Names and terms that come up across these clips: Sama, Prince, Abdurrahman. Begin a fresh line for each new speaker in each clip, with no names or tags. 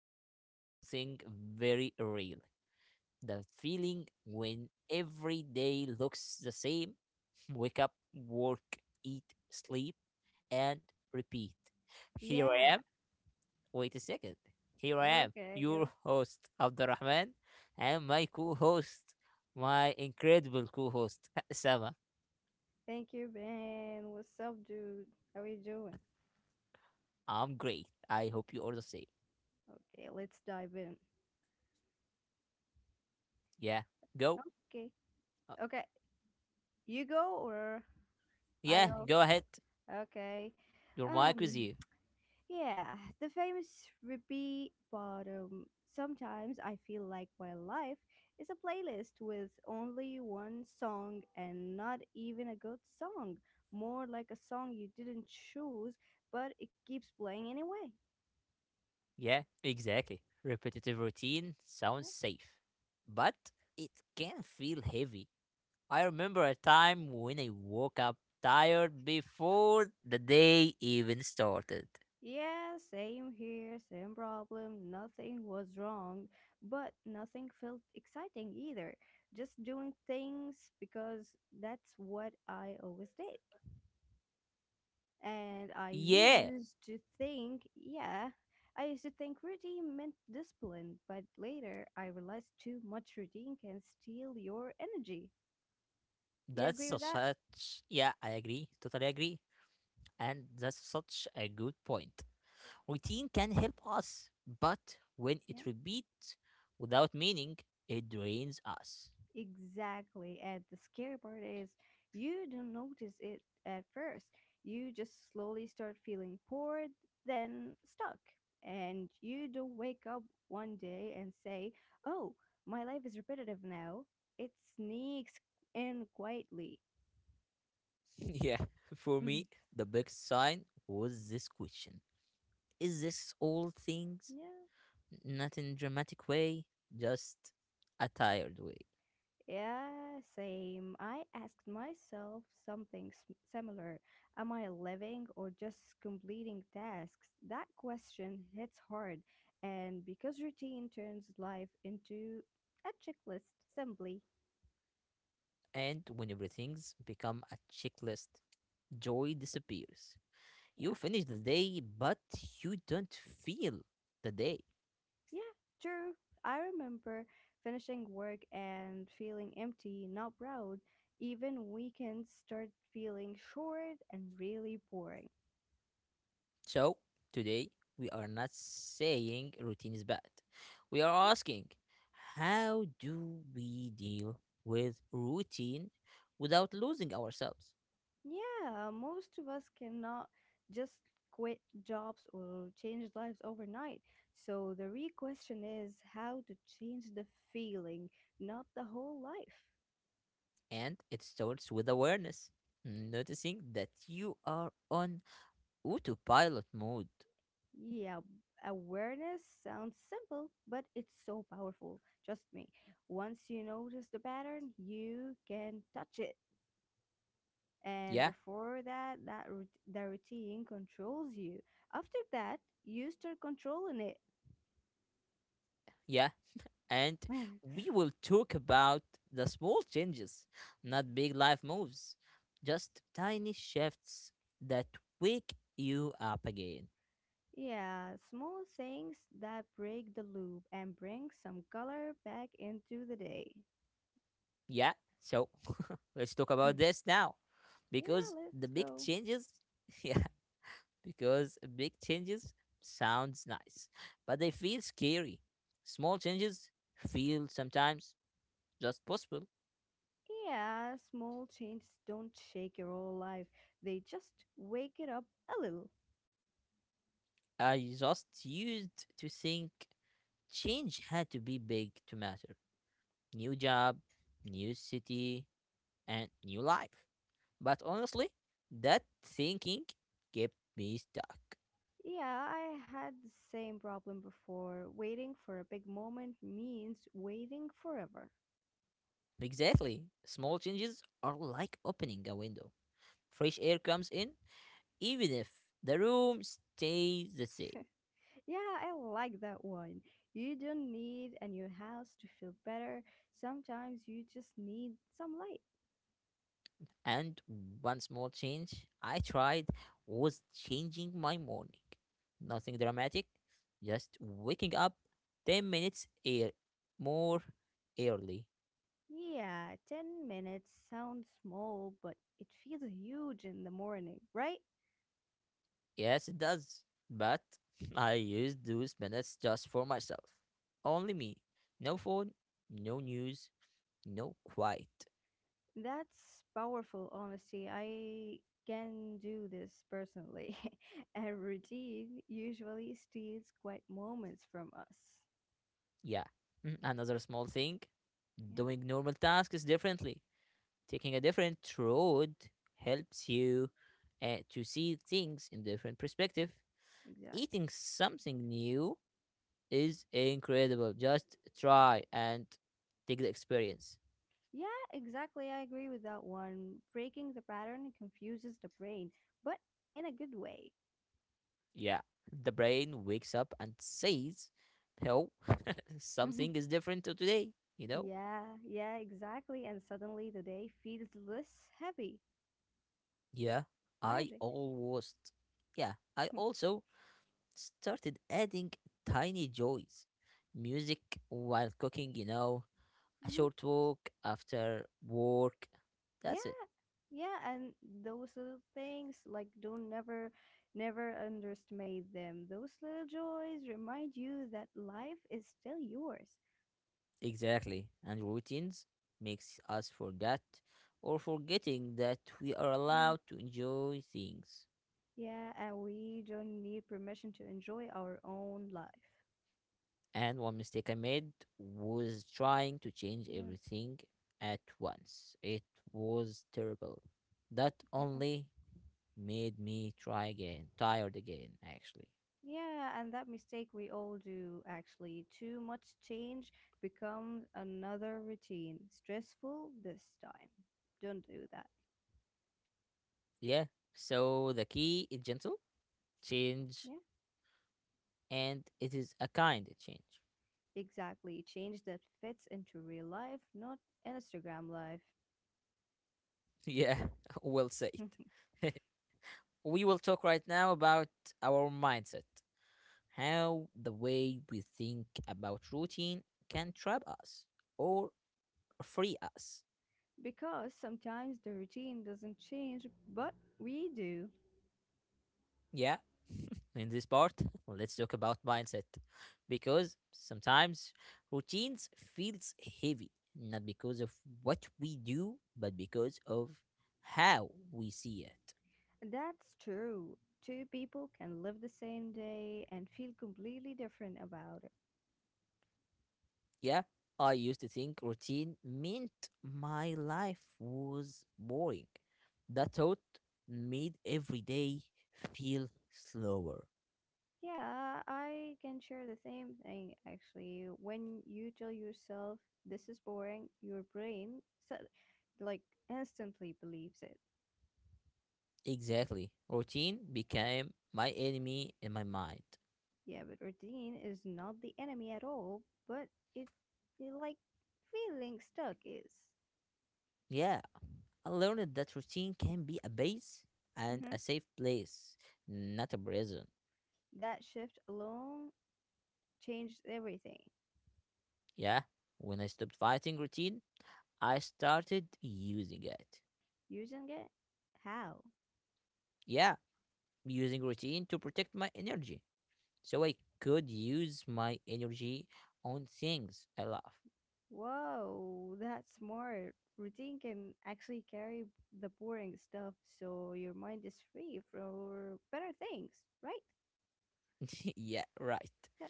about something very real, the feeling when every day looks the same. Wake up, work, eat, sleep, and repeat. Here I
Yeah.
am. Wait a second. Here I am,
Okay, go.
your host, Abdurrahman, and my co host, my incredible co host, Sama.
Thank you, Ben. What's up, dude? How are you doing?
I'm great. I hope you all the same.
Okay, let's dive in.
Yeah, go.
Okay.
Uh,
Okay. You go or I
Yeah,
go?
go ahead.
Okay.
Your mic with
Um,
you.
yeah, the famous repeat bottom. Sometimes I feel like my life is a playlist with only one song and not even a good song. More like a song you didn't choose, but it keeps playing anyway.
Yeah, exactly. Repetitive routine
Yeah.
sounds safe, but it can feel heavy. I remember a time when I woke up tired before the day even started.
Yeah, same here, same problem. Nothing was wrong, but nothing felt exciting either. Just doing things because that's what I always did. And I
Yeah,
used to think, yeah, I used to think routine meant discipline, but later I realized too much routine can steal your energy. You
that's
agree
so
with that?
such. Yeah, I agree. Totally agree. And that's such a good point. Routine can help us, but when
Yeah,
it repeats without meaning, it drains us.
exactly. And the scary part is you don't notice it at first. You just slowly start feeling bored, then stuck. And you don't wake up one day and say, oh, my life is repetitive now. It sneaks in quietly.
Yeah, for me, the big sign was this question: is this all things?
Yeah.
Not in dramatic way, just a tired way.
Yeah, same. I asked myself something similar. Am I living or just completing tasks? That question hits hard, and because routine turns life into a checklist, simply.
And when everything's become a checklist, joy disappears. You
Yeah.
finish the day, but you don't feel the day.
Yeah, true. I remember finishing work and feeling empty, not proud. Even weekends start feeling short and really boring.
So, today, we are not saying routine is bad. We are asking, how do we deal with routine without losing ourselves?
Yeah, most of us cannot just quit jobs or change lives overnight. So the real question is how to change the feeling, not the whole life.
And it starts with awareness, noticing that you are on autopilot mode.
Yeah, awareness sounds simple, but it's so powerful. Trust me. Once you notice the pattern, you can touch it. And
Yeah,
before that, the routine controls you. After that, you start controlling it.
yeah. And we will talk about the small changes, not big life moves, just tiny shifts that wake you up again.
Yeah, small things that break the loop and bring some color back into the day.
Yeah, so let's talk
Hmm,
about this now,
yeah,
because
let's
the big
go.
changes, yeah, because big changes sounds nice, but they feel scary. Small changes feel sometimes just possible.
Yeah, small changes don't shake your whole life. They just wake it up a little.
I just used to think change had to be big to matter. New job, new city, and new life. But honestly, that thinking kept me stuck.
Yeah, I had the same problem before. Waiting for a big moment means waiting forever.
Exactly. Small changes are like opening a window. Fresh air comes in, even if the room stays the same.
Yeah, I like that one. You don't need a new house to feel better. Sometimes you just need some light.
And one small change I tried was changing my morning. Nothing dramatic, just waking up 10 minutes more early.
Yeah, 10 minutes sounds small, but it feels huge in the morning, right?
Yes, it does. But I use those minutes just for myself. Only me. No phone, no news, no quiet.
That's powerful, honestly. I can do this personally. A routine usually steals quiet moments from us.
Yeah. Another small thing,
Yeah,
doing normal tasks differently. Taking a different road helps you to see things in different perspective.
exactly.
Eating something new is incredible. Just try and take the experience.
Yeah, exactly. I agree with that one. Breaking the pattern confuses the brain, but in a good way.
Yeah, the brain wakes up and says, "Oh, something is different to today." You know?
Yeah, yeah, exactly. And suddenly the day feels less heavy.
Yeah, I
Magic.
almost. Yeah, I also started adding tiny joys, music while cooking, you know, a short walk after work. That's it.
Yeah, yeah, and those little things, like, don't never underestimate them. Those little joys remind you that life is still yours.
Exactly. And routines makes us forget, or forgetting that we are
Yeah,
allowed to enjoy things.
yeah, and we don't need permission to enjoy our own life.
And one mistake I made was trying to change
Yeah,
everything at once. It was terrible. That
yeah,
only made me try again, tired again, actually.
yeah, and that mistake we all do, actually. Too much change becomes another routine, stressful this time. Don't do that.
Yeah. So the key is gentle change,
Yeah,
and it is a kind of change.
exactly. Change that fits into real life, not Instagram life.
Yeah, well said. We will talk right now about our mindset, how the way we think about routine can trap us or free us.
Because sometimes the routine doesn't change, but we do.
Yeah, in this part, let's talk about mindset, because sometimes routines feels heavy not because of what we do but because of how we see it.
That's true. Two people can live the same day and feel completely different about it.
Yeah, I used to think routine meant my life was boring. That thought made every day feel slower.
Yeah, I can share the same thing, actually. When you tell yourself this is boring, your brain, so, like, instantly believes it.
Exactly. Routine became my enemy in my mind.
Yeah, but routine is not the enemy at all, but it, it like feeling stuck is.
Yeah, I learned that routine can be a base and a
Hmm.
safe place, not a prison.
That shift alone changed everything.
Yeah, when I stopped fighting routine, I started using it.
Using it? How?
Yeah, using routine to protect my energy so I could use my energy on things I love.
Whoa, that's smart. Routine can actually carry the boring stuff so your mind is free for better things, right?
Yeah, right.
That,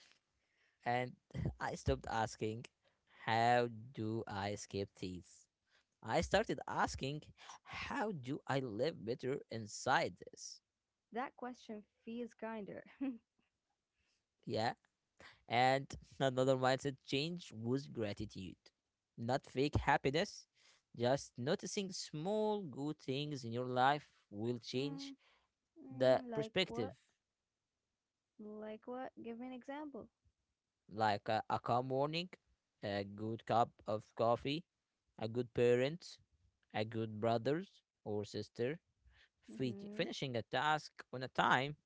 And I stopped asking, how do I escape these? I started asking, how do I live better inside this?
that question feels kinder.
Yeah. And another mindset change was gratitude. Not fake happiness, just noticing small good things in your life will change
Mm,
the
mm, like
perspective,
what? Like what? Give me an example.
like a calm morning, a good cup of coffee, a good parent, a good brothers or sister,
Mm-hmm.
finishing a task on a time.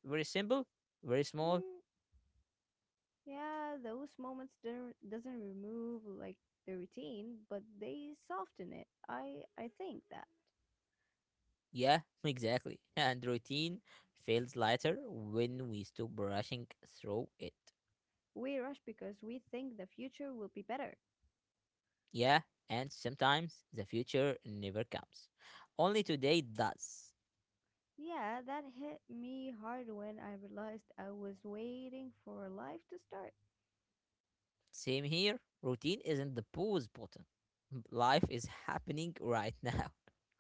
Very simple, very small.
Mm. Yeah, those moments don't, doesn't remove, like, the routine, but they soften it. I think that
Yeah, exactly. And routine feels lighter when we stop rushing through it.
we rush because we think the future will be better.
Yeah, and sometimes the future never comes. Only today does.
Yeah, that hit me hard when I realized I was waiting for life to start.
Same here. Routine isn't the pause button. Life is happening right now.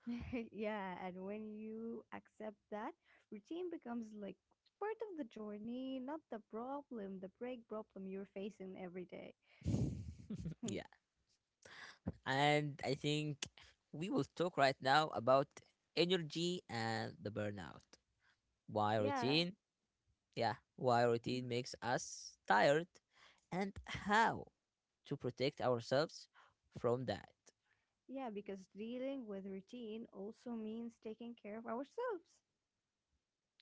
Yeah, and when you accept that, routine becomes like part of the journey, not the problem, the break problem you're facing every day.
Yeah, and I think we will talk right now about energy and the burnout. Why
Yeah.
routine? Yeah, why routine makes us tired, and how to protect ourselves from that.
Yeah, because dealing with routine also means taking care of ourselves.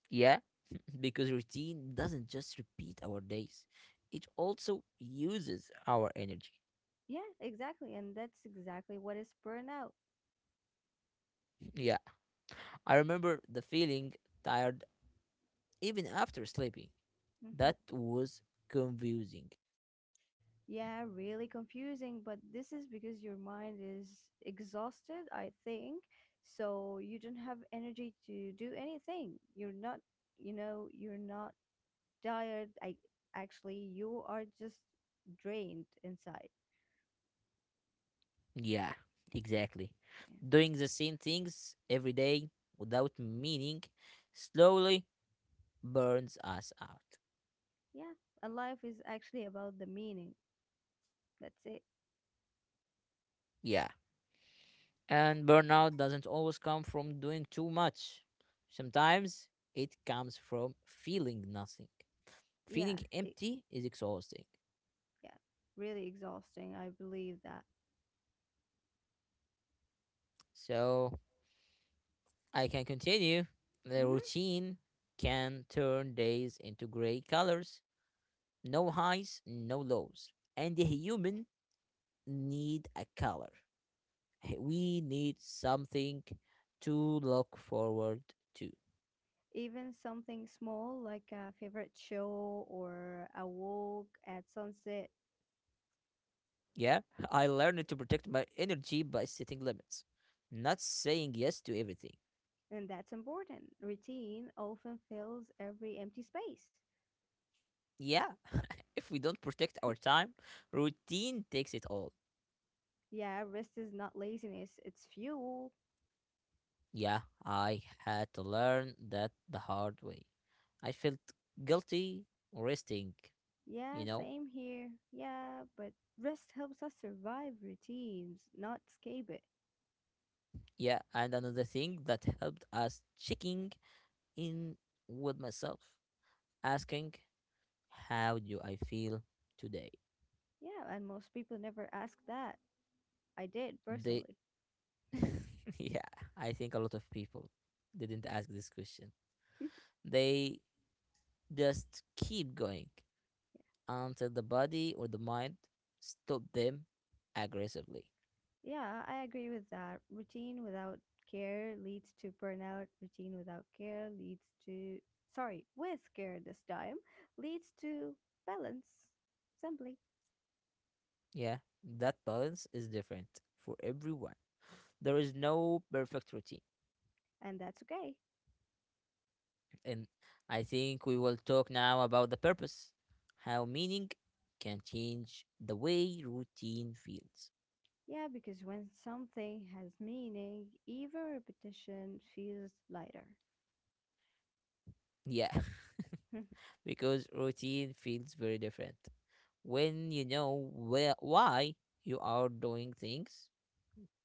Yeah, because routine doesn't just repeat our days, it also uses our energy.
Yeah, exactly. And that's exactly what is burnout.
Yeah, I remember the feeling tired even after sleeping.
Mhm.
That was confusing.
Yeah, really confusing, but this is because your mind is exhausted, I think. So you don't have energy to do anything. You're not tired. I actually you are just drained inside.
Yeah, exactly.
Yeah.
Doing the same things every day without meaning slowly burns us out.
Yeah. And life is actually about the meaning. That's it.
Yeah. And burnout doesn't always come from doing too much. Sometimes it comes from feeling nothing.
Yeah,
Feeling empty is exhausting.
yeah, really exhausting. I believe that.
So I can continue. The
Hmm.
routine can turn days into gray colors. No highs, no lows. And the human need a color, we need something to look forward to.
Even something small like a favorite show or a walk at sunset,
Yeah, I learned to protect my energy by setting limits, not saying yes to everything.
and that's important. Routine often fills every empty space.
Yeah, if we don't protect our time, routine takes it all.
Yeah, rest is not laziness, it's fuel.
Yeah, I had to learn that the hard way. I felt guilty resting,
Yeah,
you know.
same here. Yeah, but rest helps us survive routines, not escape it.
Yeah, and another thing that helped us checking in with myself, asking how do I feel today?
Yeah, and most people never ask that. I did
They,
personally.
yeah, I think a lot of people didn't
Yeah.
ask this question. They just keep going until the body or the mind stop them aggressively.
Yeah, I agree with that. Routine without care leads to burnout. Routine without care leads to, sorry, with care this time, leads to balance, simply.
Yeah, that balance is different for everyone. There is no perfect routine.
And that's okay.
And I think we will talk now about the purpose, how meaning can change the way routine feels.
Yeah, because when something has meaning, even repetition feels lighter.
Yeah, because routine feels very different. When you know where, why you are doing things,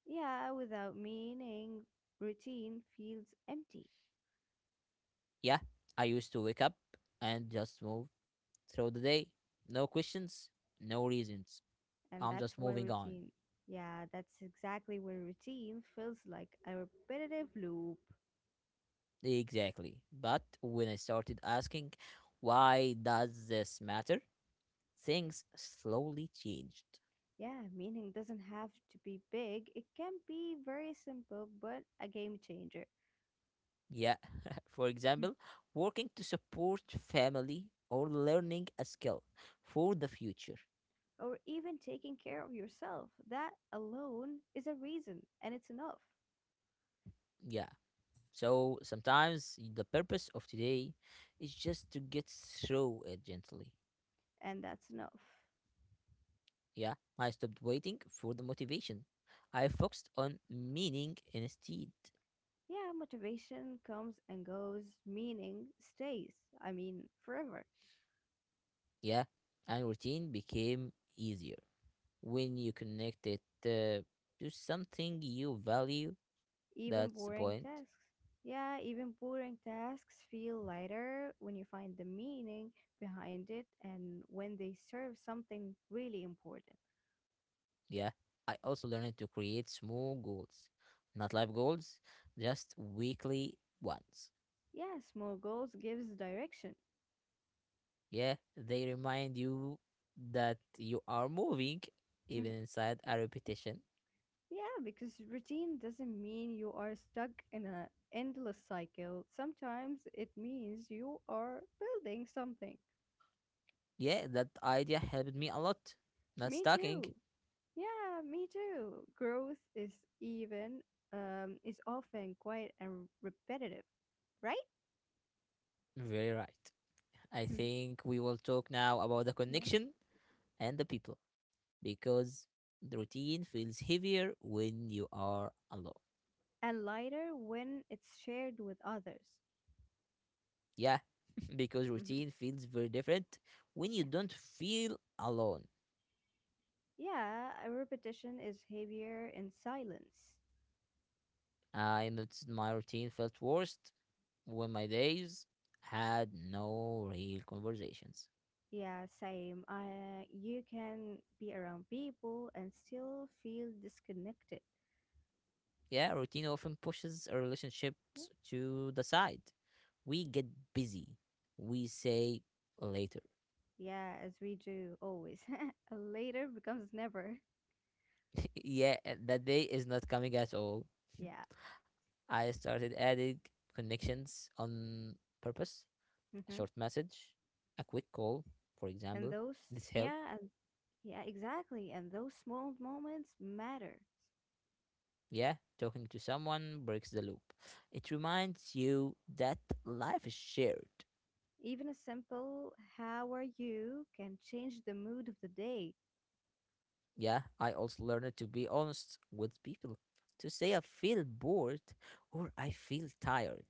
Yeah, without meaning, routine feels empty.
yeah, I used to wake up and just move through the day. No questions, no reasons.
And
I'm
that's
just
when
moving on.
routine, yeah, that's exactly when routine feels like a repetitive loop.
Exactly. But when I started asking, why does this matter? Things slowly changed.
Yeah, meaning doesn't have to be big. It can be very simple, but a game changer.
Yeah. For
Hmm.
example, working to support family or learning a skill for the future.
Or even taking care of yourself. That alone is a reason, and it's enough.
Yeah, so sometimes the purpose of today is just to get through it gently.
And that's enough.
Yeah, I stopped waiting for the motivation. I focused on meaning instead.
Yeah, motivation comes and goes, meaning stays. I mean, forever.
Yeah, and routine became easier when you connect it to something you value.
Even
That's the
boring
point.
tasks. Yeah, even boring tasks feel lighter when you find the meaning behind it and when they serve something really important.
Yeah, I also learned to create small goals, not life goals, just weekly ones.
Yes, more goals gives direction.
Yeah, they remind you that you are moving, even inside a repetition.
Yeah, because routine doesn't mean you are stuck in an endless cycle. Sometimes it means you are building something.
Yeah, that idea helped me a lot. Not
Me
stalking.
too. Yeah, me too. Growth even is often quiet and repetitive, right?
Very right. I think we will talk now about the
Yeah,
connection and the people, because the routine feels heavier when you are alone.
and lighter when it's shared with others.
Yeah, because routine feels very different when
Yeah,
you don't feel alone.
yeah. A repetition is heavier in silence.
I noticed my routine felt worst when my days had no real conversations.
Yeah, same. You can be around people and still feel disconnected.
Yeah, routine often pushes our
Yeah,
relationships to the side. We get busy. We say later.
yeah, as we do always. Later becomes never.
Yeah, that day is not coming at all.
Yeah.
I started adding connections on purpose, a
hmm
short message, a quick call, for
And
example.
those,
This helped.
yeah, and yeah, exactly. And those small moments matter.
Yeah, talking to someone breaks the loop. It reminds you that life is shared.
Even a simple "How are you?" can change the mood of the day.
Yeah, I also learned to be honest with people, to say I feel bored or I feel tired.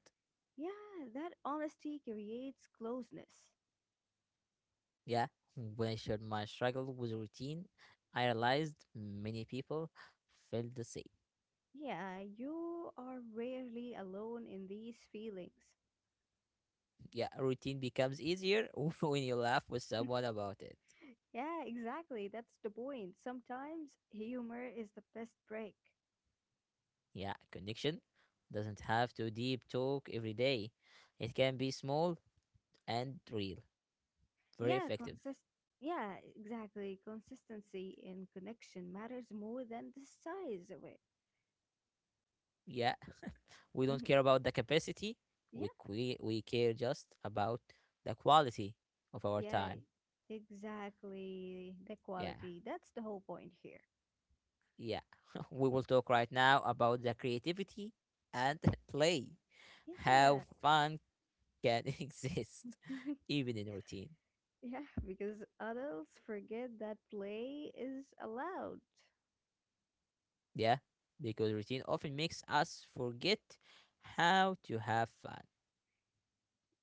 Yeah, that honesty creates closeness.
Yeah, when I shared my struggle with routine, I realized many people felt the same.
Yeah, you are rarely alone in these feelings.
Yeah, routine becomes easier when you laugh with someone about it.
Yeah, exactly. That's the point. Sometimes humor is the best break.
Yeah, connection doesn't have to deep talk every day, it can be small and real. Very
Yeah,
effective.
consist yeah, exactly. Consistency and connection matters more than the size of it.
Yeah, we don't care about the capacity. We
Yeah,
we, we care just about the quality of our
yeah,
time.
exactly. The
Yeah,
quality. That's the whole point here.
yeah. We will talk right now about the creativity and play. How
Yeah.
fun can exist even in routine.
Yeah, because adults forget that play is allowed.
Yeah, because routine often makes us forget how to have fun.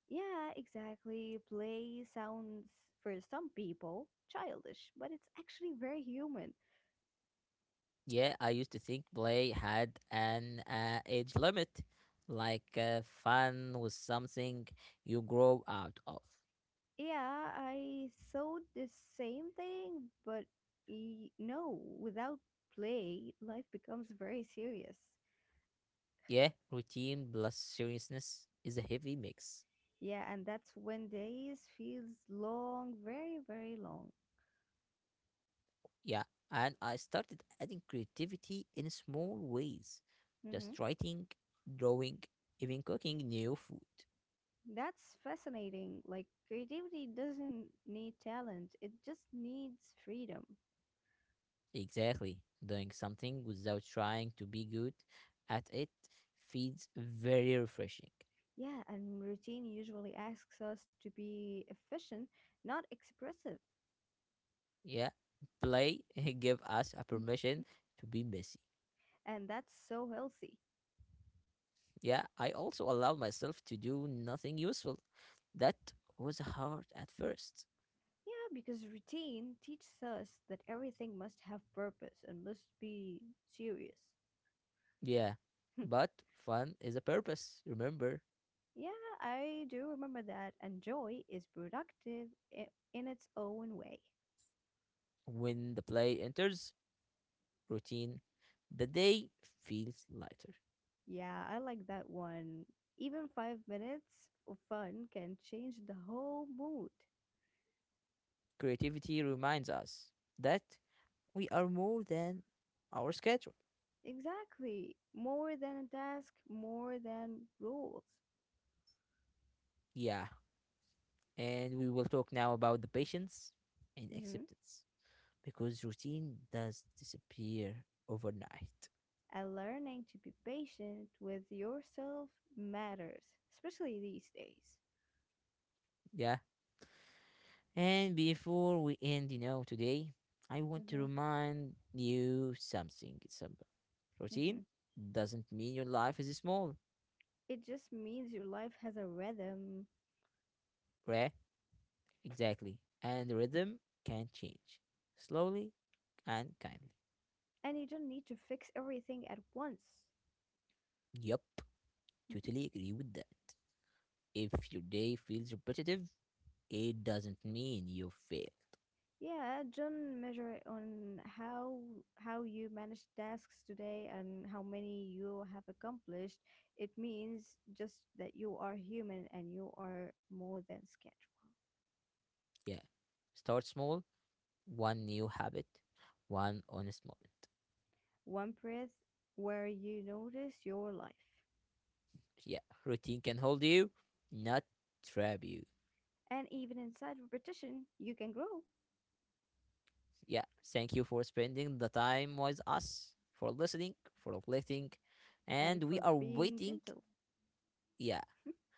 Yeah, exactly. Play sounds, for some people, childish, but it's actually very human.
Yeah, I used to think play had an age limit, like fun was something you grow out of.
Yeah, I thought the same thing, but no, without play, life becomes very serious.
Yeah, routine plus seriousness is a heavy mix.
Yeah, and that's when days feels long, very, very long.
Yeah, and I started adding creativity in small ways,
Hmm.
just writing, drawing, even cooking new food.
That's fascinating. Like creativity doesn't need talent; it just needs freedom.
Exactly, doing something without trying to be good at it feels very refreshing.
Yeah, and routine usually asks us to be efficient, not expressive.
Yeah, play give us a permission to be messy.
And that's so healthy.
Yeah, I also allowed myself to do nothing useful. That was hard at first.
Yeah, because routine teaches us that everything must have purpose and must be serious.
Yeah, but fun is a purpose. Remember,
Yeah, I do remember that. And joy is productive i- in its own way.
when the play enters routine, the day feels lighter.
Yeah, I like that one. Even 5 minutes of fun can change the whole mood.
Creativity reminds us that we are more than our schedule.
Exactly. More than a task, more than rules.
Yeah, and we will talk now about the patience and
hmm
acceptance, because routine does disappear overnight.
And learning to be patient with yourself matters, especially these days.
Yeah. And before we end, you know, today, I want to
hmm
remind you something. Simple.
hmm
Routine doesn't mean your life is small.
It just means your life has a rhythm
Right? Exactly. And rhythm can change slowly and kindly.
and you don't need to fix everything at once.
Yup.
Mhm.
Totally agree with that. If your day feels repetitive, it doesn't mean you failed.
Yeah, John measure it on how you manage tasks today and how many you have accomplished. It means just that you are human and you are more than schedule.
Yeah. Start small, one new habit, one honest moment.
One breath where you notice your life.
Yeah, routine can hold you, not trap you.
And even inside repetition, you can grow.
Yeah, thank you for spending the time with us, for listening, for reflecting,
And
and we
for
are
being
waiting.
gentle.
Yeah,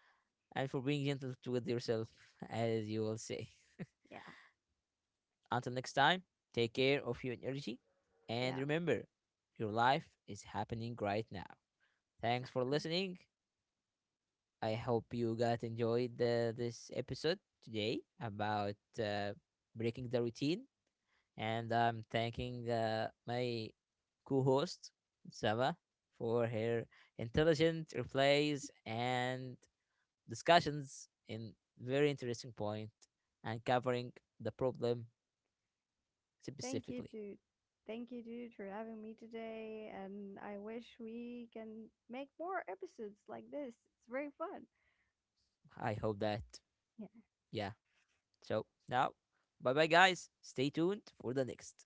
and for being gentle to with yourself, as you will say.
Yeah,
Until next time, take care of your energy, and
yeah,
remember, your life is happening right now. Thanks for
exactly.
listening. I hope you guys enjoyed this episode today about uh, breaking the routine. And I'm thanking my co host, Saba, for her intelligent replies and discussions in very interesting point and covering the problem
Thank you,
specifically.
dude. Thank you, dude, for having me today. And I wish we can make more episodes like this. It's very fun.
I hope that, yeah. So now, bye bye, guys. Stay tuned for the next.